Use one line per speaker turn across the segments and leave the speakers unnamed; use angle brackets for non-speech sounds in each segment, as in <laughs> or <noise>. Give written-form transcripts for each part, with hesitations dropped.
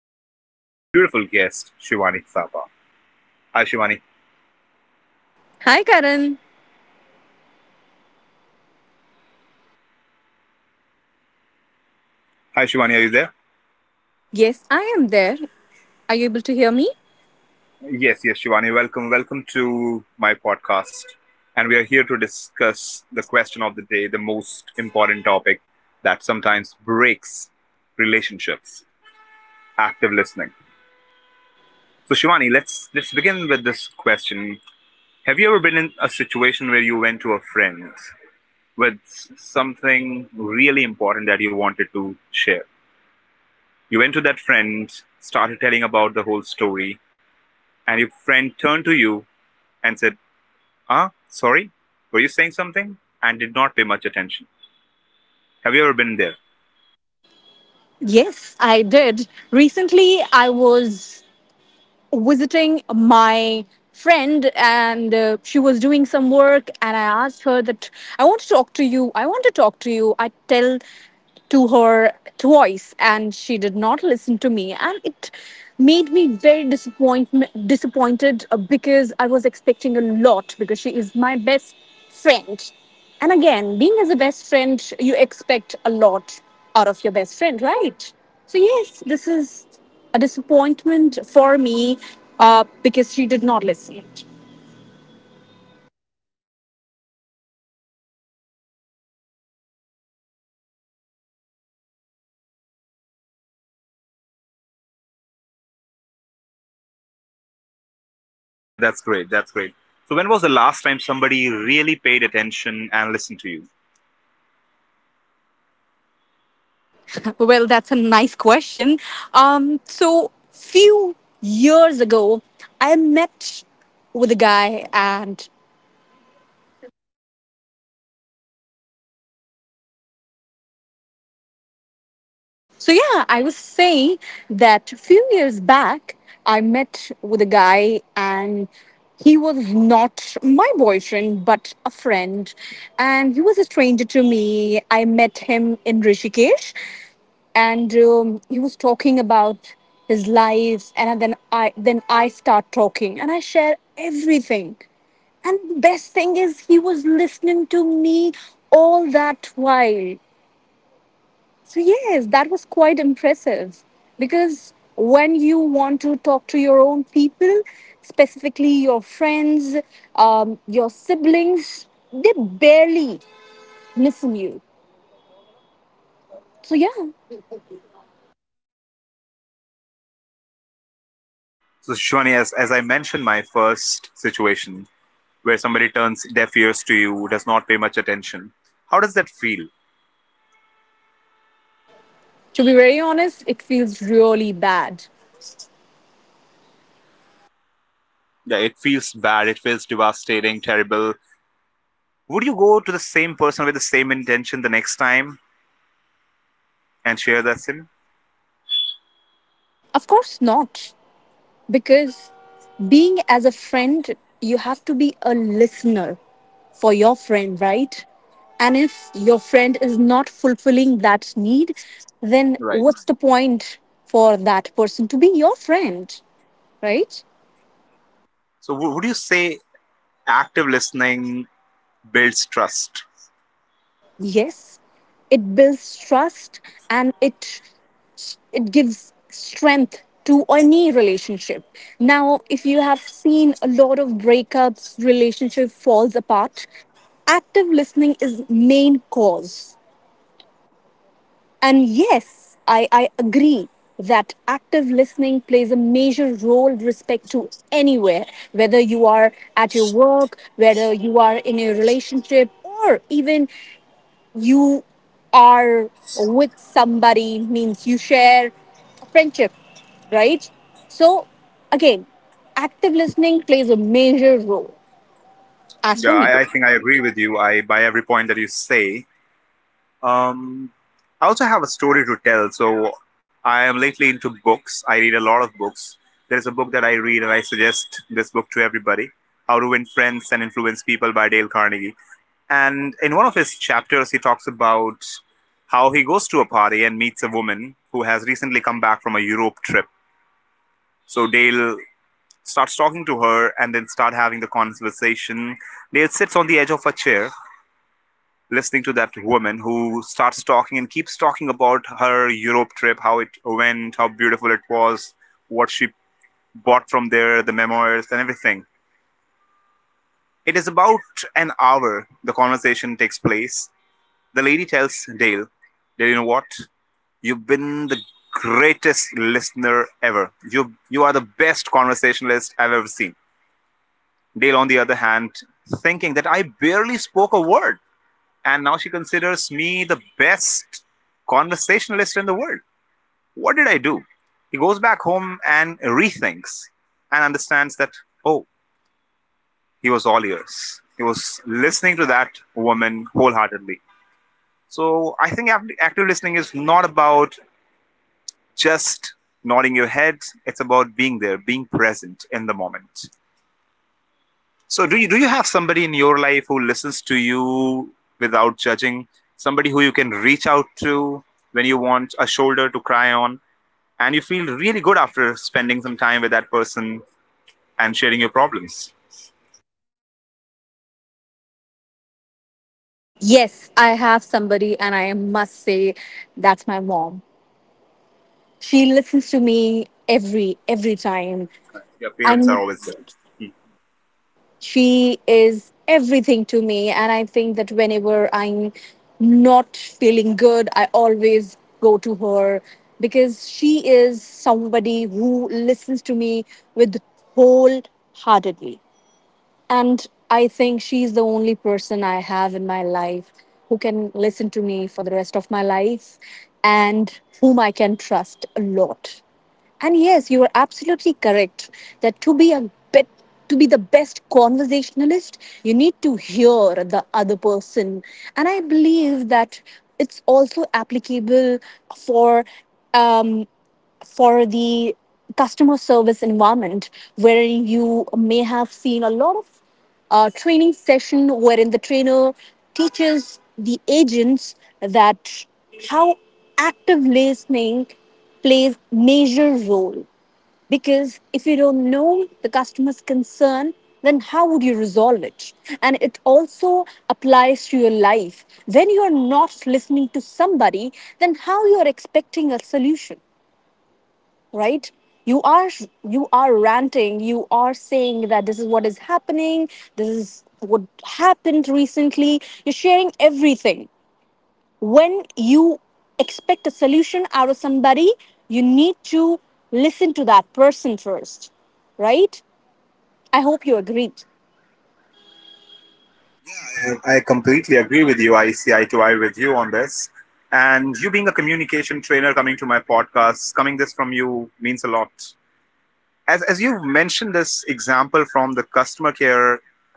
with a beautiful guest, Shivani Saba. Hi, Shivani.
Hi, Karan.
Hi, Shivani. Are you there?
Yes, I am there. Are you able to hear me?
Yes, yes, Shivani. Welcome, welcome to my podcast. And we are here to discuss the question of the day, the most important topic that sometimes breaks relationships: active listening. So, Shivani, let's begin with this question. Have you ever been in a situation where you went to a friend with something really important that you wanted to share? You went to that friend, started telling about the whole story, and your friend turned to you and said, ah, sorry, were you saying something? And did not pay much attention. Have you ever been there?
Yes, I did. Recently, I was visiting my friend and she was doing some work and I asked her that I want to talk to you. I want to talk to you. I tell to her twice and she did not listen to me, and it made me very disappointment disappointed because I was expecting a lot because she is my best friend. And again, being as a best friend, you expect a lot out of your best friend, right? So, yes, this is a disappointment for me because she did not listen.
That's great. That's great. So, when was the last time somebody really paid attention and listened to you?
<laughs> Well, that's a nice question. So, few years ago, I met with a guy and so yeah, I was saying that a few years back, I met with a guy and he was not my boyfriend, but a friend. And he was a stranger to me. I met him in Rishikesh and he was talking about his life. And then I start talking and I share everything. And the best thing is he was listening to me all that while. So, yes, that was quite impressive because when you want to talk to your own people, specifically your friends, your siblings, they barely listen you. So, yeah,
So, Shwani, as I mentioned, my first situation where somebody turns deaf ears to you, does not pay much attention. How does that feel?
to be very honest, it feels really bad.
Yeah, it feels bad. It feels devastating, terrible. Would you go to the same person with the same intention the next time and share that sim?
Of course not, because being as a friend, you have to be a listener for your friend, right? And if your friend is not fulfilling that need, then
Right.
what's the point for that person to be your friend, right?
So, would you say active listening builds trust?
Yes, it builds trust and it gives strength to any relationship. Now, if you have seen a lot of breakups, relationship falls apart, active listening is main cause. And yes, I agree that active listening plays a major role with respect to anywhere, whether you are at your work, whether you are in a relationship, or even you are with somebody, means you share a friendship, right? So, again, active listening plays a major role. As
Yeah,
for me,
I think I agree with you. I by every point that you say. Um, I also have a story to tell. So, I am lately into books. I read a lot of books. There is a book that I read, and I suggest this book to everybody: "How to Win Friends and Influence People" by Dale Carnegie. And in one of his chapters, he talks about how he goes to a party and meets a woman who has recently come back from a Europe trip. So Dale starts talking to her and then start having the conversation. Dale sits on the edge of a chair listening to that woman who starts talking and keeps talking about her Europe trip, how it went, how beautiful it was, what she bought from there, the memoirs and everything. It is about an hour the conversation takes place. The lady tells Dale, Dale, you know what? You've been the greatest listener ever. You are the best conversationalist I've ever seen. Dale, on the other hand, thinking that I barely spoke a word, and now she considers me the best conversationalist in the world. What did I do? He goes back home and rethinks and understands that oh, he was all ears. He was listening to that woman wholeheartedly. So I think active listening is not about just nodding your head. It's about being there, being present in the moment. So do you have somebody in your life who listens to you without judging? Somebody who you can reach out to when you want a shoulder to cry on and you feel really good after spending some time with that person and sharing your problems.
yes, I have somebody, and I must say that's my mom. She listens to me every time.
Your parents are
And
always there.
she is everything to me, and I think that whenever I'm not feeling good, I always go to her because she is somebody who listens to me with wholeheartedly. And I think she's the only person I have in my life who can listen to me for the rest of my life and whom I can trust a lot. And yes, you are absolutely correct that to be the best conversationalist, you need to hear the other person. And I believe that it's also applicable for um, for the customer service environment, where you may have seen a lot of training session wherein the trainer teaches the agents that how active listening plays major role because if you don't know the customer's concern, then how would you resolve it? And it also applies to your life. When you are not listening to somebody, then how you are expecting a solution, right? You are you are ranting, you are saying that this is what is happening, this is what happened recently, you're sharing everything. When you expect a solution out of somebody, you need to listen to that person first, right? I hope you agreed.
I completely agree with you. I see eye to eye with you on this. And you being a communication trainer coming to my podcast, coming this from you means a lot. As you've mentioned this example from the customer care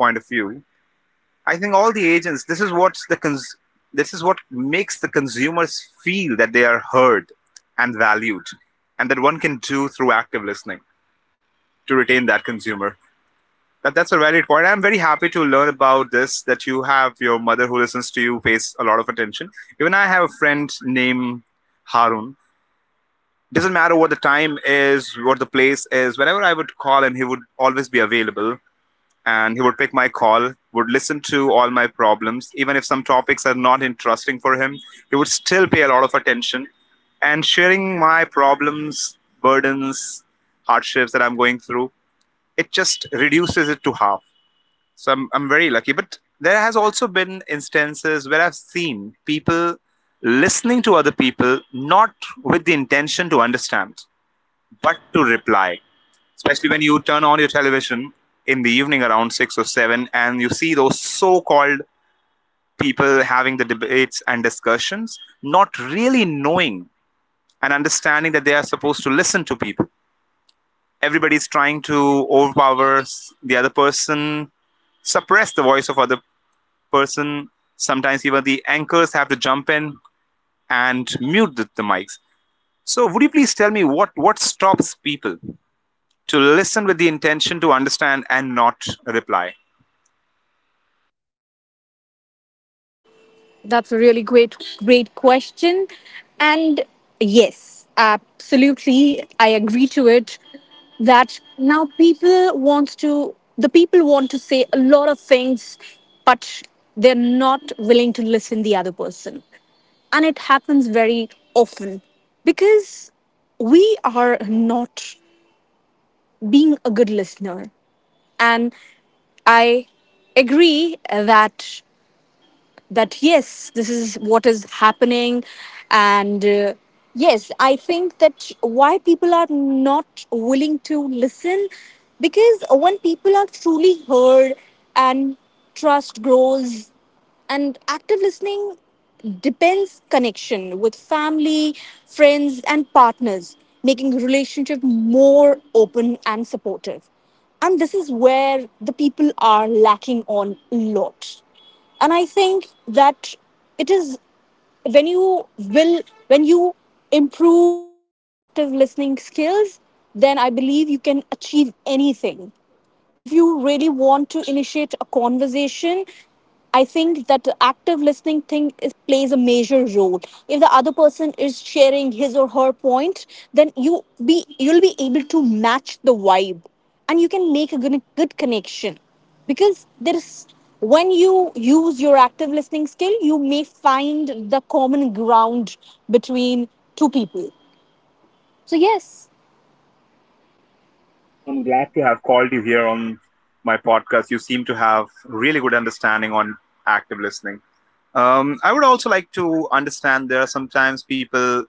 point of view, I think all the agents this is what makes the consumers feel that they are heard and valued, and that one can do through active listening to retain that consumer. That's a valid point. I'm very happy to learn about this. That you have your mother who listens to you pays a lot of attention. Even I have a friend named Harun. Doesn't matter what the time is, what the place is. Whenever I would call him, he would always be available and he would pick my call, would listen to all my problems. Even if some topics are not interesting for him, he would still pay a lot of attention. And sharing my problems, burdens, hardships that I'm going through, it just reduces it to half. So I'm very lucky. But there has also been instances where I've seen people listening to other people, not with the intention to understand, but to reply, especially when you turn on your television in the evening around 6 or 7 and you see those so called people having the debates and discussions, not really knowing and understanding that they are supposed to listen to people. Everybody's trying to overpower the other person, suppress the voice of other person. Sometimes even the anchors have to jump in and mute the mics. So would you please tell me what stops people to listen with the intention to understand and not reply?
That's a really great, great question. And yes, absolutely, I agree to it. That now the people want to say a lot of things, but they're not willing to listen the other person, and it happens very often because we are not being a good listener. And I agree that yes, this is what is happening, and yes, I think that why people are not willing to listen because when people are truly heard and trust grows, and active listening depends connection with family, friends and partners, making relationship more open and supportive. And this is where the people are lacking on a lot. And I think that it is when you will when you improve your active listening skills, then I believe you can achieve anything. If you really want to initiate a conversation, I think that the active listening thing is, plays a major role. If the other person is sharing his or her point, then you'll be able to match the vibe, and you can make a good, good connection because there's when you use your active listening skill, you may find the common ground between two people. So yes.
No, I'm glad to have called you here on my podcast. You seem to have really good understanding on active listening. I would also like to understand there are sometimes people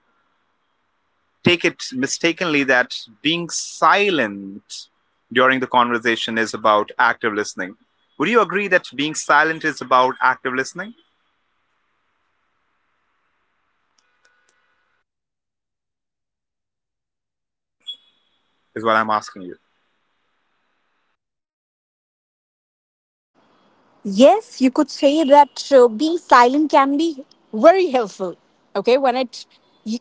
take it mistakenly that being silent during the conversation is about active listening. Would you agree that being silent is about active listening? Is what I'm asking you.
Yes, you could say that being silent can be very helpful. Okay,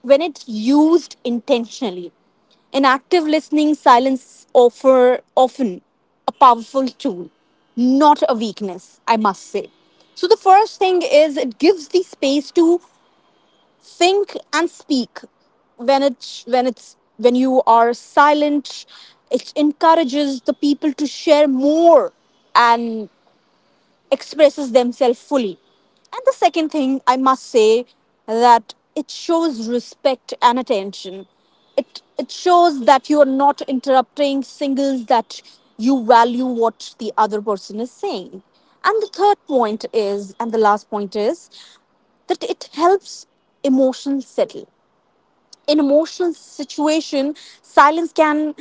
when it's used intentionally, in active listening, silence offer often a powerful tool, not a weakness. I must say. So the first thing is it gives the space to think and speak. When you are silent, it encourages the people to share more and expresses themselves fully. And the second thing I must say that it shows respect and attention. It shows that you are not interrupting singles that you value what the other person is saying. And the third point is and the last point is that it helps emotions settle. In emotional situation, silence can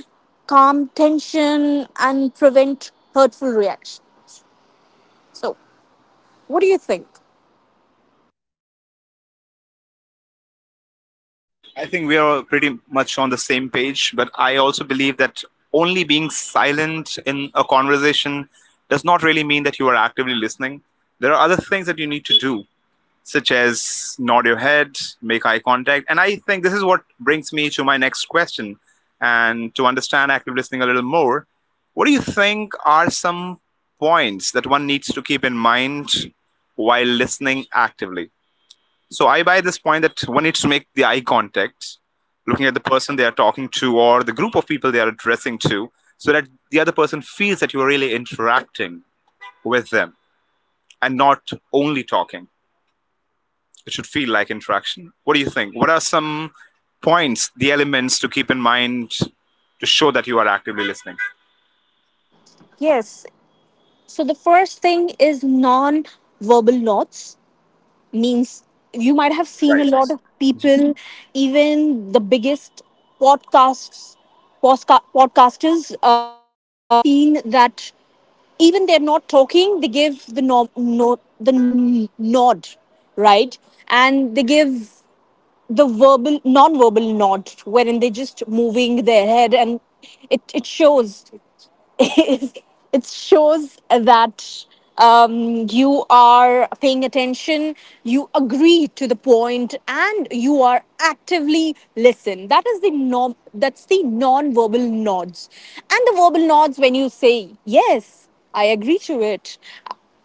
calm tension and prevent hurtful reaction. So, what do you think?
I think we are pretty much on the same page, but I also believe that only being silent in a conversation does not really mean that you are actively listening. There are other things that you need to do, such as nod your head, make eye contact. And I think this is what brings me to my next question. And to understand active listening a little more, what do you think are some points that one needs to keep in mind while listening actively? So I buy this point that one needs to make the eye contact, looking at the person they are talking to or the group of people they are addressing to, so that the other person feels that you are really interacting with them and not only talking. It should feel like interaction. What do you think? What are some points, the elements to keep in mind to show that you are actively listening?
Yes. So the first thing is non-verbal nods. Means you might have seen a
Right.
lot of people, even the biggest podcasts, podcasters. You might have seen that even they're not talking, they give the no, no the n- nod, right? And they give the verbal non-verbal nod wherein they're just moving their head, and it shows <laughs> it shows that you are paying attention, you agree to the point, and you are actively listen. That is the norm, that's the non-verbal nods. And the verbal nods when you say yes, I agree to it,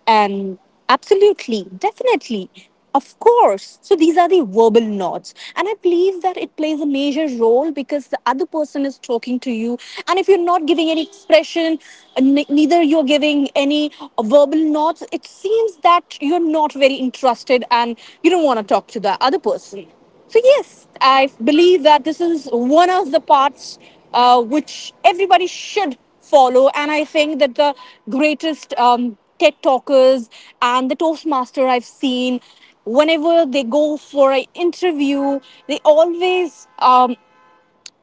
and absolutely, definitely, of course. So these are the verbal nods. And I believe that it plays a major role because the other person is talking to you. And if you're not giving any expression, neither you're giving any verbal nods, it seems that you're not very interested and you don't want to talk to the other person. So yes, I believe that this is one of the parts which everybody should follow. And I think that the greatest TED talkers and the Toastmaster I've seen, whenever they go for an interview, they always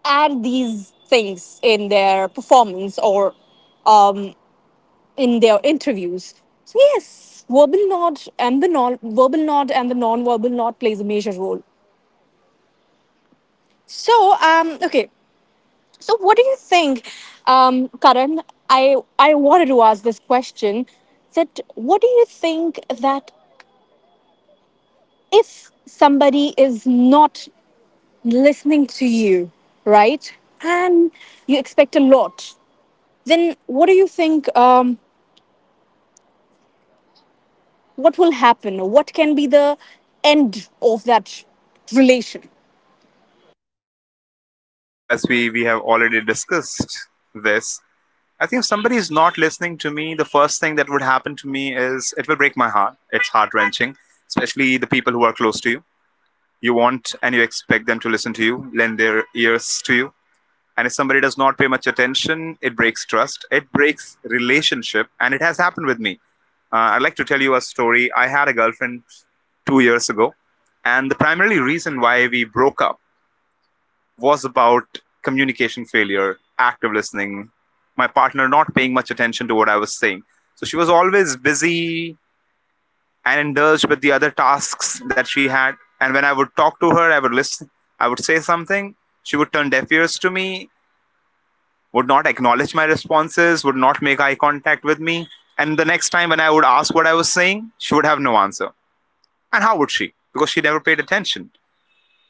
add these things in their performance or um, in their interviews. So yes, verbal nod and the non verbal nod plays a major role. So okay, so, what do you think, Karan? I I wanted to ask this question. That what do you think that if somebody is not listening to you, right, and you expect a lot, then what do you think? What will happen? What can be the end of that relation?
Oh, as we have already discussed this, I think if somebody is not listening to me, the first thing that would happen to me is it will break my heart. It's heart wrenching, especially the people who are close to you. You want and you expect them to listen to you, lend their ears to you. And if somebody does not pay much attention, it breaks trust, it breaks relationship, and it has happened with me. I'd like to tell you a story. I had a girlfriend 2 years ago, and the primary reason why we broke up was about communication failure, active listening, my partner not paying much attention to what I was saying. So she was always busy and indulged with the other tasks that she had. And when I would talk to her, I would listen, I would say something. She would turn deaf ears to me, would not acknowledge my responses, would not make eye contact with me. And the next time when I would ask what I was saying, she would have no answer. And how would she? Because she never paid attention.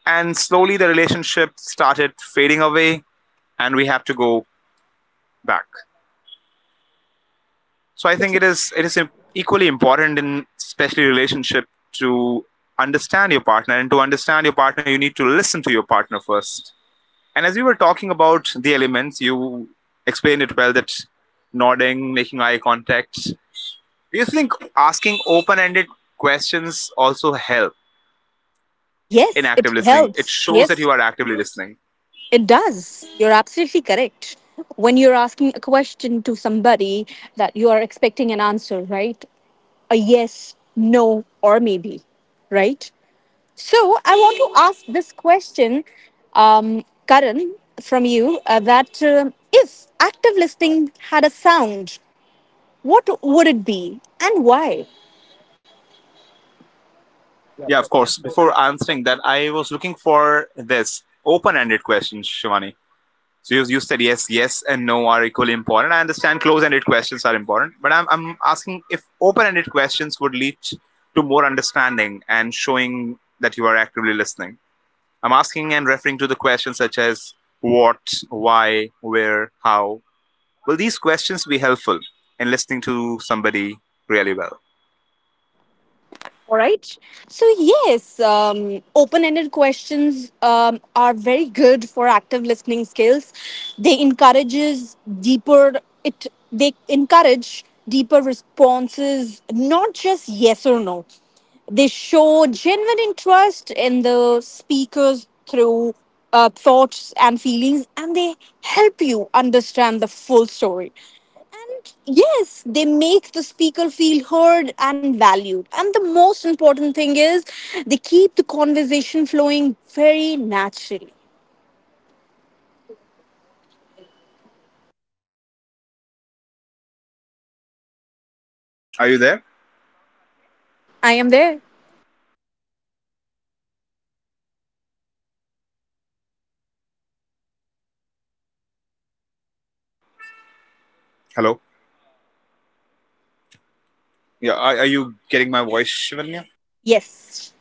And slowly the relationship started fading away, and we had to go back. So I
Great.
think it is equally important in especially relationship to understand your partner and to understand your partner you need to listen to your partner first. And as we were talking about the elements, you explained it well that nodding, making eye contact. Do you think asking open-ended questions also help in
Yes, it
active listening? It
helps.
shows that
Yes.
you are actively listening.
It does. You're absolutely correct. When you're asking a question to somebody that you are expecting an answer, right? A yes, no, or maybe, right? So I want to ask this question, Karan, from you that if active listening had a sound, what would it be and why?
Yeah, of course. Before answering that, I was looking for this open-ended question, Shivani. So you said yes, yes and no are equally important. I understand close-ended questions are important, but I'm asking if open-ended questions would lead to more understanding and showing that you are actively listening. I'm asking and referring to the questions such as what, why, where, how. Will these questions be helpful in listening to somebody really well?
All right. So, yes, open ended questions are very good for active listening skills. They encourages deeper it they encourage deeper responses, not just yes or no. They show genuine interest in the speakers through thoughts and feelings, and they help you understand the full story. Yes, they make the speaker feel heard and valued, and the most important thing is they keep the conversation flowing very naturally.
Are you there?
I am there.
Hello. Yeah. Are you getting my voice, Shivanya?
Yes.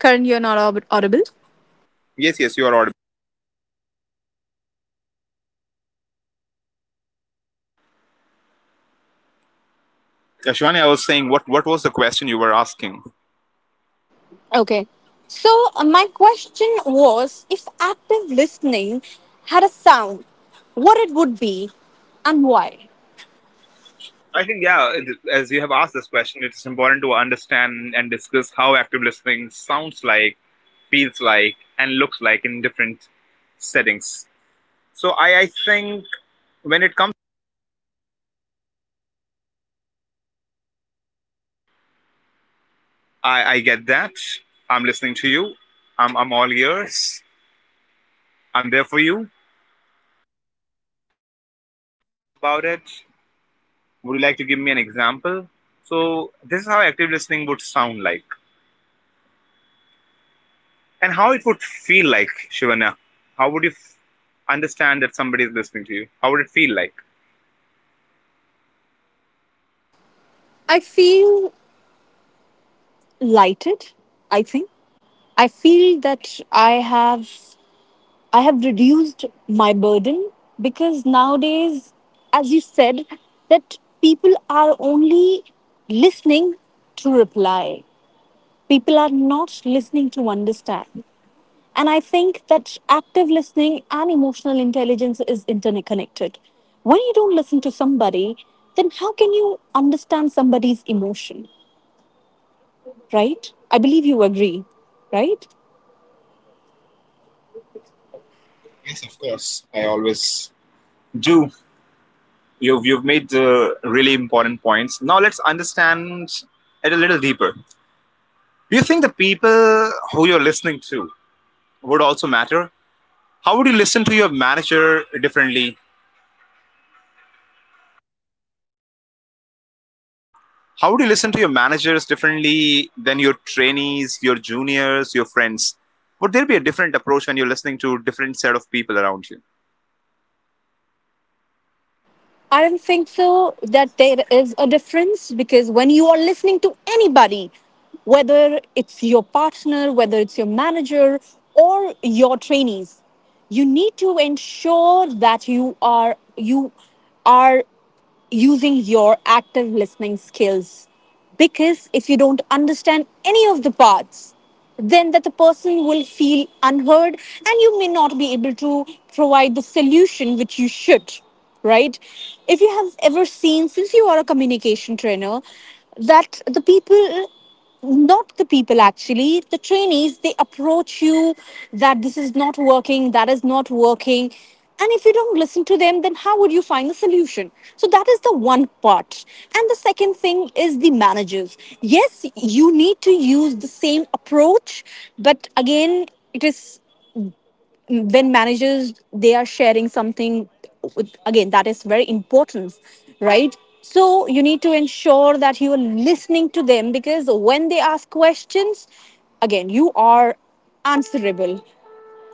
Karan, you're not audible.
Yes. Yes. You are audible. Yeah, Shivanya, I was saying what was the question you were asking?
Okay, so my question was if active listening had a sound, what it would be and why.
I think, yeah, as you have asked this question, it's important to understand and discuss how active listening sounds like, feels like, and looks like in different settings. So I think when it comes, I get that. I'm listening to you. I'm all ears. I'm there for you about it. Would you like to give me an example? So this is how active listening would sound like and how it would feel like, Shivanya. How would understand that somebody is listening to you? How would it feel like?
I feel lighted. I think I feel that i have I have reduced my burden because nowadays, as you said, that people are only listening to reply. People are not listening to understand. And I think that active listening and emotional intelligence is interconnected. When you don't listen to somebody, then how can you understand somebody's emotion, right? I believe you agree, right?
Yes, of course. I always do. You've made the really important points. Now let's understand it a little deeper. Do you think the people who you're listening to would also matter? How would you listen to your manager differently? How would you listen to your managers differently than your trainees, your juniors, your friends? Would there be a different approach when you're listening to different set of people around you?
I don't think so that there is a difference because when you are listening to anybody, whether it's your partner, whether it's your manager, or your trainees, you need to ensure that you are using your active listening skills. Because if you don't understand any of the parts, then that the person will feel unheard, and you may not be able to provide the solution which you should, right? If you have ever seen, since you are a communication trainer, that the people not the people actually the trainees they approach you that this is not working, that is not working. And if you don't listen to them, then how would you find the solution? So that is the one part. And the second thing is the managers. Yes, you need to use the same approach, but again, it is when managers they are sharing something with, again, that is very important, right? So you need to ensure that you are listening to them, because when they ask questions, again, you are answerable,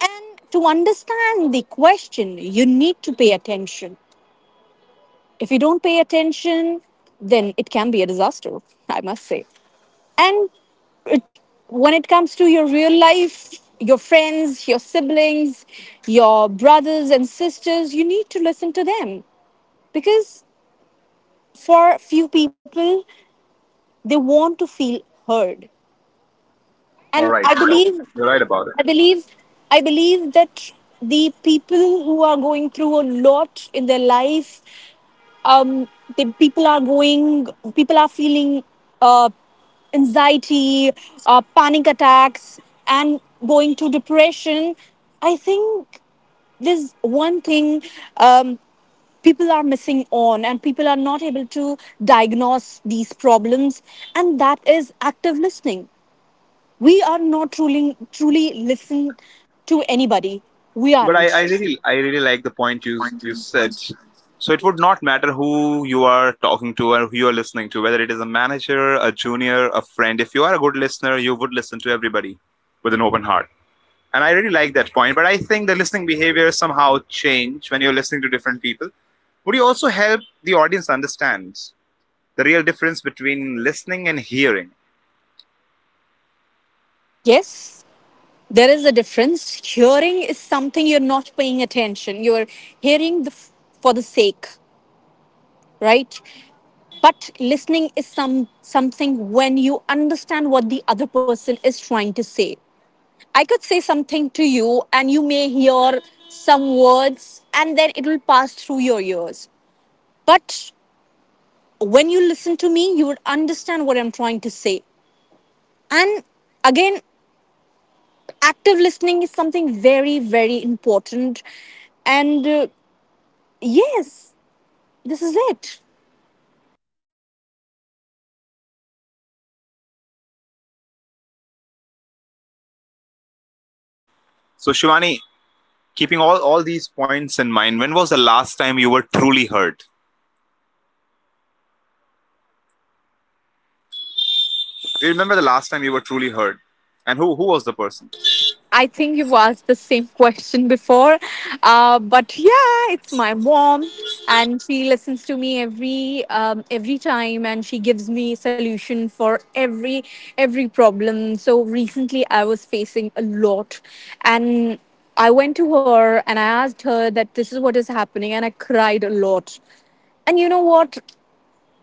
and to understand the question you need to pay attention. If you don't pay attention, then it can be a disaster, I must say. And it, when it comes to your real life, your friends, your siblings, your brothers and sisters, you need to listen to them, because for few people, they want to feel heard. And
All
I
right,
believe
right, you're right about
i
it.
believe I believe that the people who are going through a lot in their life, um the people are going people are feeling uh, anxiety, panic attacks, and going to depression. I think there's one thing um, people are missing on, and people are not able to diagnose these problems, and that is active listening. We are not truly listening to anybody. We
But I
aren't.
really I really like the point you said. So it would not matter who you are talking to or who you are listening to, whether it is a manager, a junior, a friend. If you are a good listener, you would listen to everybody with an open heart. And I really like that point. But I think the listening behavior somehow change when you're listening to different people. Would you also help the audience understand the real difference between listening and hearing?
Yes, there is a difference. Hearing is something you're not paying attention. You're hearing for the sake, right? But listening is something when you understand what the other person is trying to say. I could say something to you, and you may hear some words, and then it will pass through your ears. But when you listen to me, you would understand what I'm trying to say. And again, active listening is something very important. And yes, this is it.
So Shivani, keeping all these points in mind, when was the last time you were truly heard? Do you remember the last time you were truly heard? And who was the person?
I think you've asked the same <laughs> question before. But yeah, it's my mom, and she listens to me every time, and she gives me solution for every problem. So recently I was facing a lot, and I went to her and I asked her that this is what is happening, and I cried a lot. And you know what?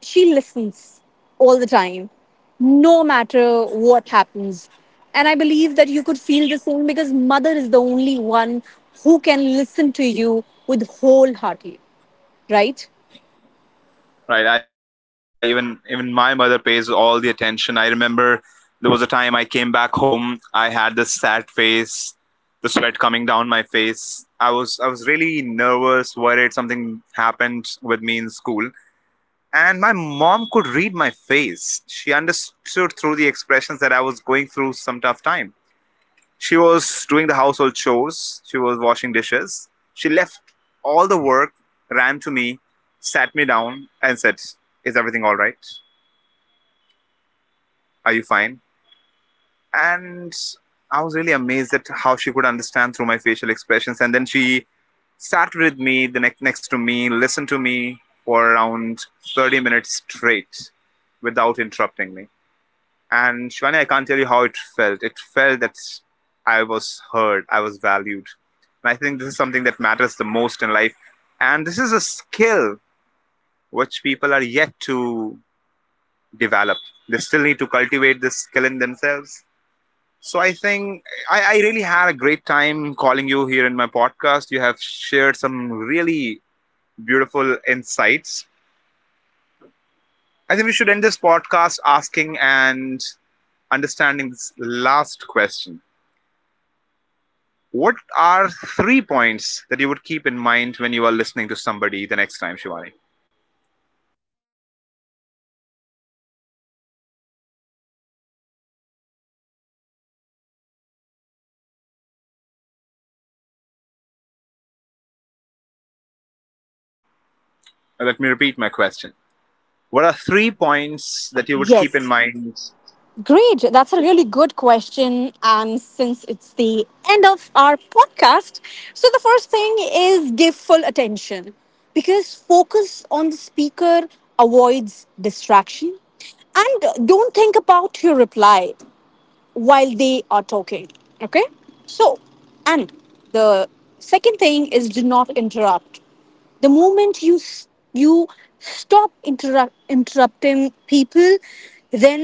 She listens all the time, no matter what happens. And I believe that you could feel the same, because mother is the only one who can listen to you with wholeheartedly, right?
Right. I agree with you. I even my mother pays all the attention. I remember there was a time I came back home, I had this sad face, the sweat coming down my face. I was really nervous, worried something happened with me in school. And my mom could read my face. She understood through the expressions that I was going through some tough time. She was doing the household chores, she was washing dishes. She left all the work, ran to me, sat me down, and said, is everything all right? Are you fine? And I was really amazed at how she could understand through my facial expressions. And then she sat with me, the next next to me, listened to me for around 30 minutes straight without interrupting me. And Shivani, I can't tell you how it felt. It felt that I was heard, I was valued. And I think this is something that matters the most in life. And this is a skill which people are yet to develop. They still need to cultivate this skill in themselves. So I think I really had a great time calling you here in my podcast. You have shared some really beautiful insights. I think we should end this podcast asking and understanding this last question. What are three points that you would keep in mind when you are listening to somebody the next time, Shivani? Now, let me repeat my question. What are three points that you would keep in
Yes.
mind?
Great. That's a really good question. And since it's the end of our podcast, so the first thing is give full attention, because focus on the speaker avoids distraction. And don't think about your reply while they are talking. Okay? So, and the second thing is do not interrupt. The moment you stop interrupting people, then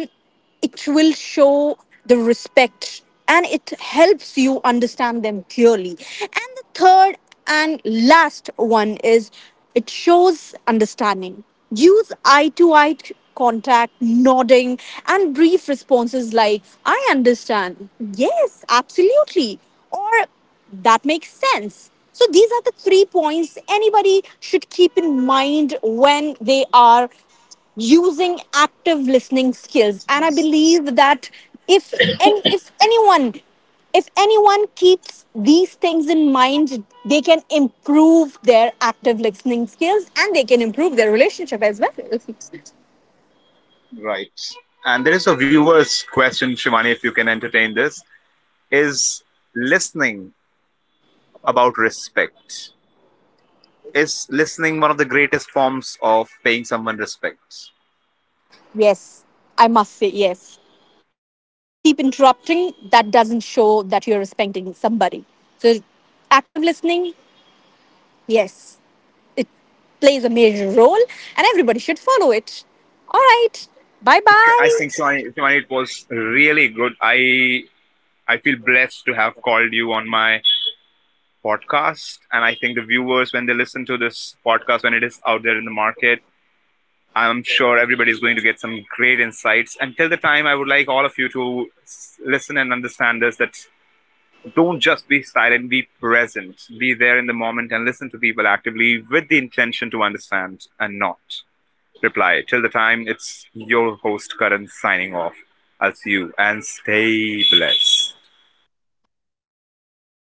it will show the respect, and it helps you understand them clearly. And the third and last one is it shows understanding. Use eye to eye contact, nodding, and brief responses like I understand, yes, absolutely, or that makes sense. So these are the three points anybody should keep in mind when they are using active listening skills. And I believe that if if anyone, if anyone keeps these things in mind, they can improve their active listening skills and they can improve their relationship as well.
Right. And there is a viewer's question, Shivani, if you can entertain this, is listening about respect. Is listening one of the greatest forms of paying someone respect?
<laughs> Yes, I must say yes. If you keep interrupting, that doesn't show that you're respecting somebody. So, active listening, yes, plays a major role, and everybody should follow it. All right, bye
I think
bye.
Shivani, Shivani, it was really good. I feel blessed to have called you on my podcast. And I think the viewers, when they listen to this podcast, when it is out there in the market, I'm sure everybody's going to get some great insights. Until the time, I would like all of you to listen and understand this that don't just be silent, be present, be there in the moment, and listen to people actively with the intention to understand and not reply. Till the time, it's your host, Karan, signing off. I'll see you and stay blessed.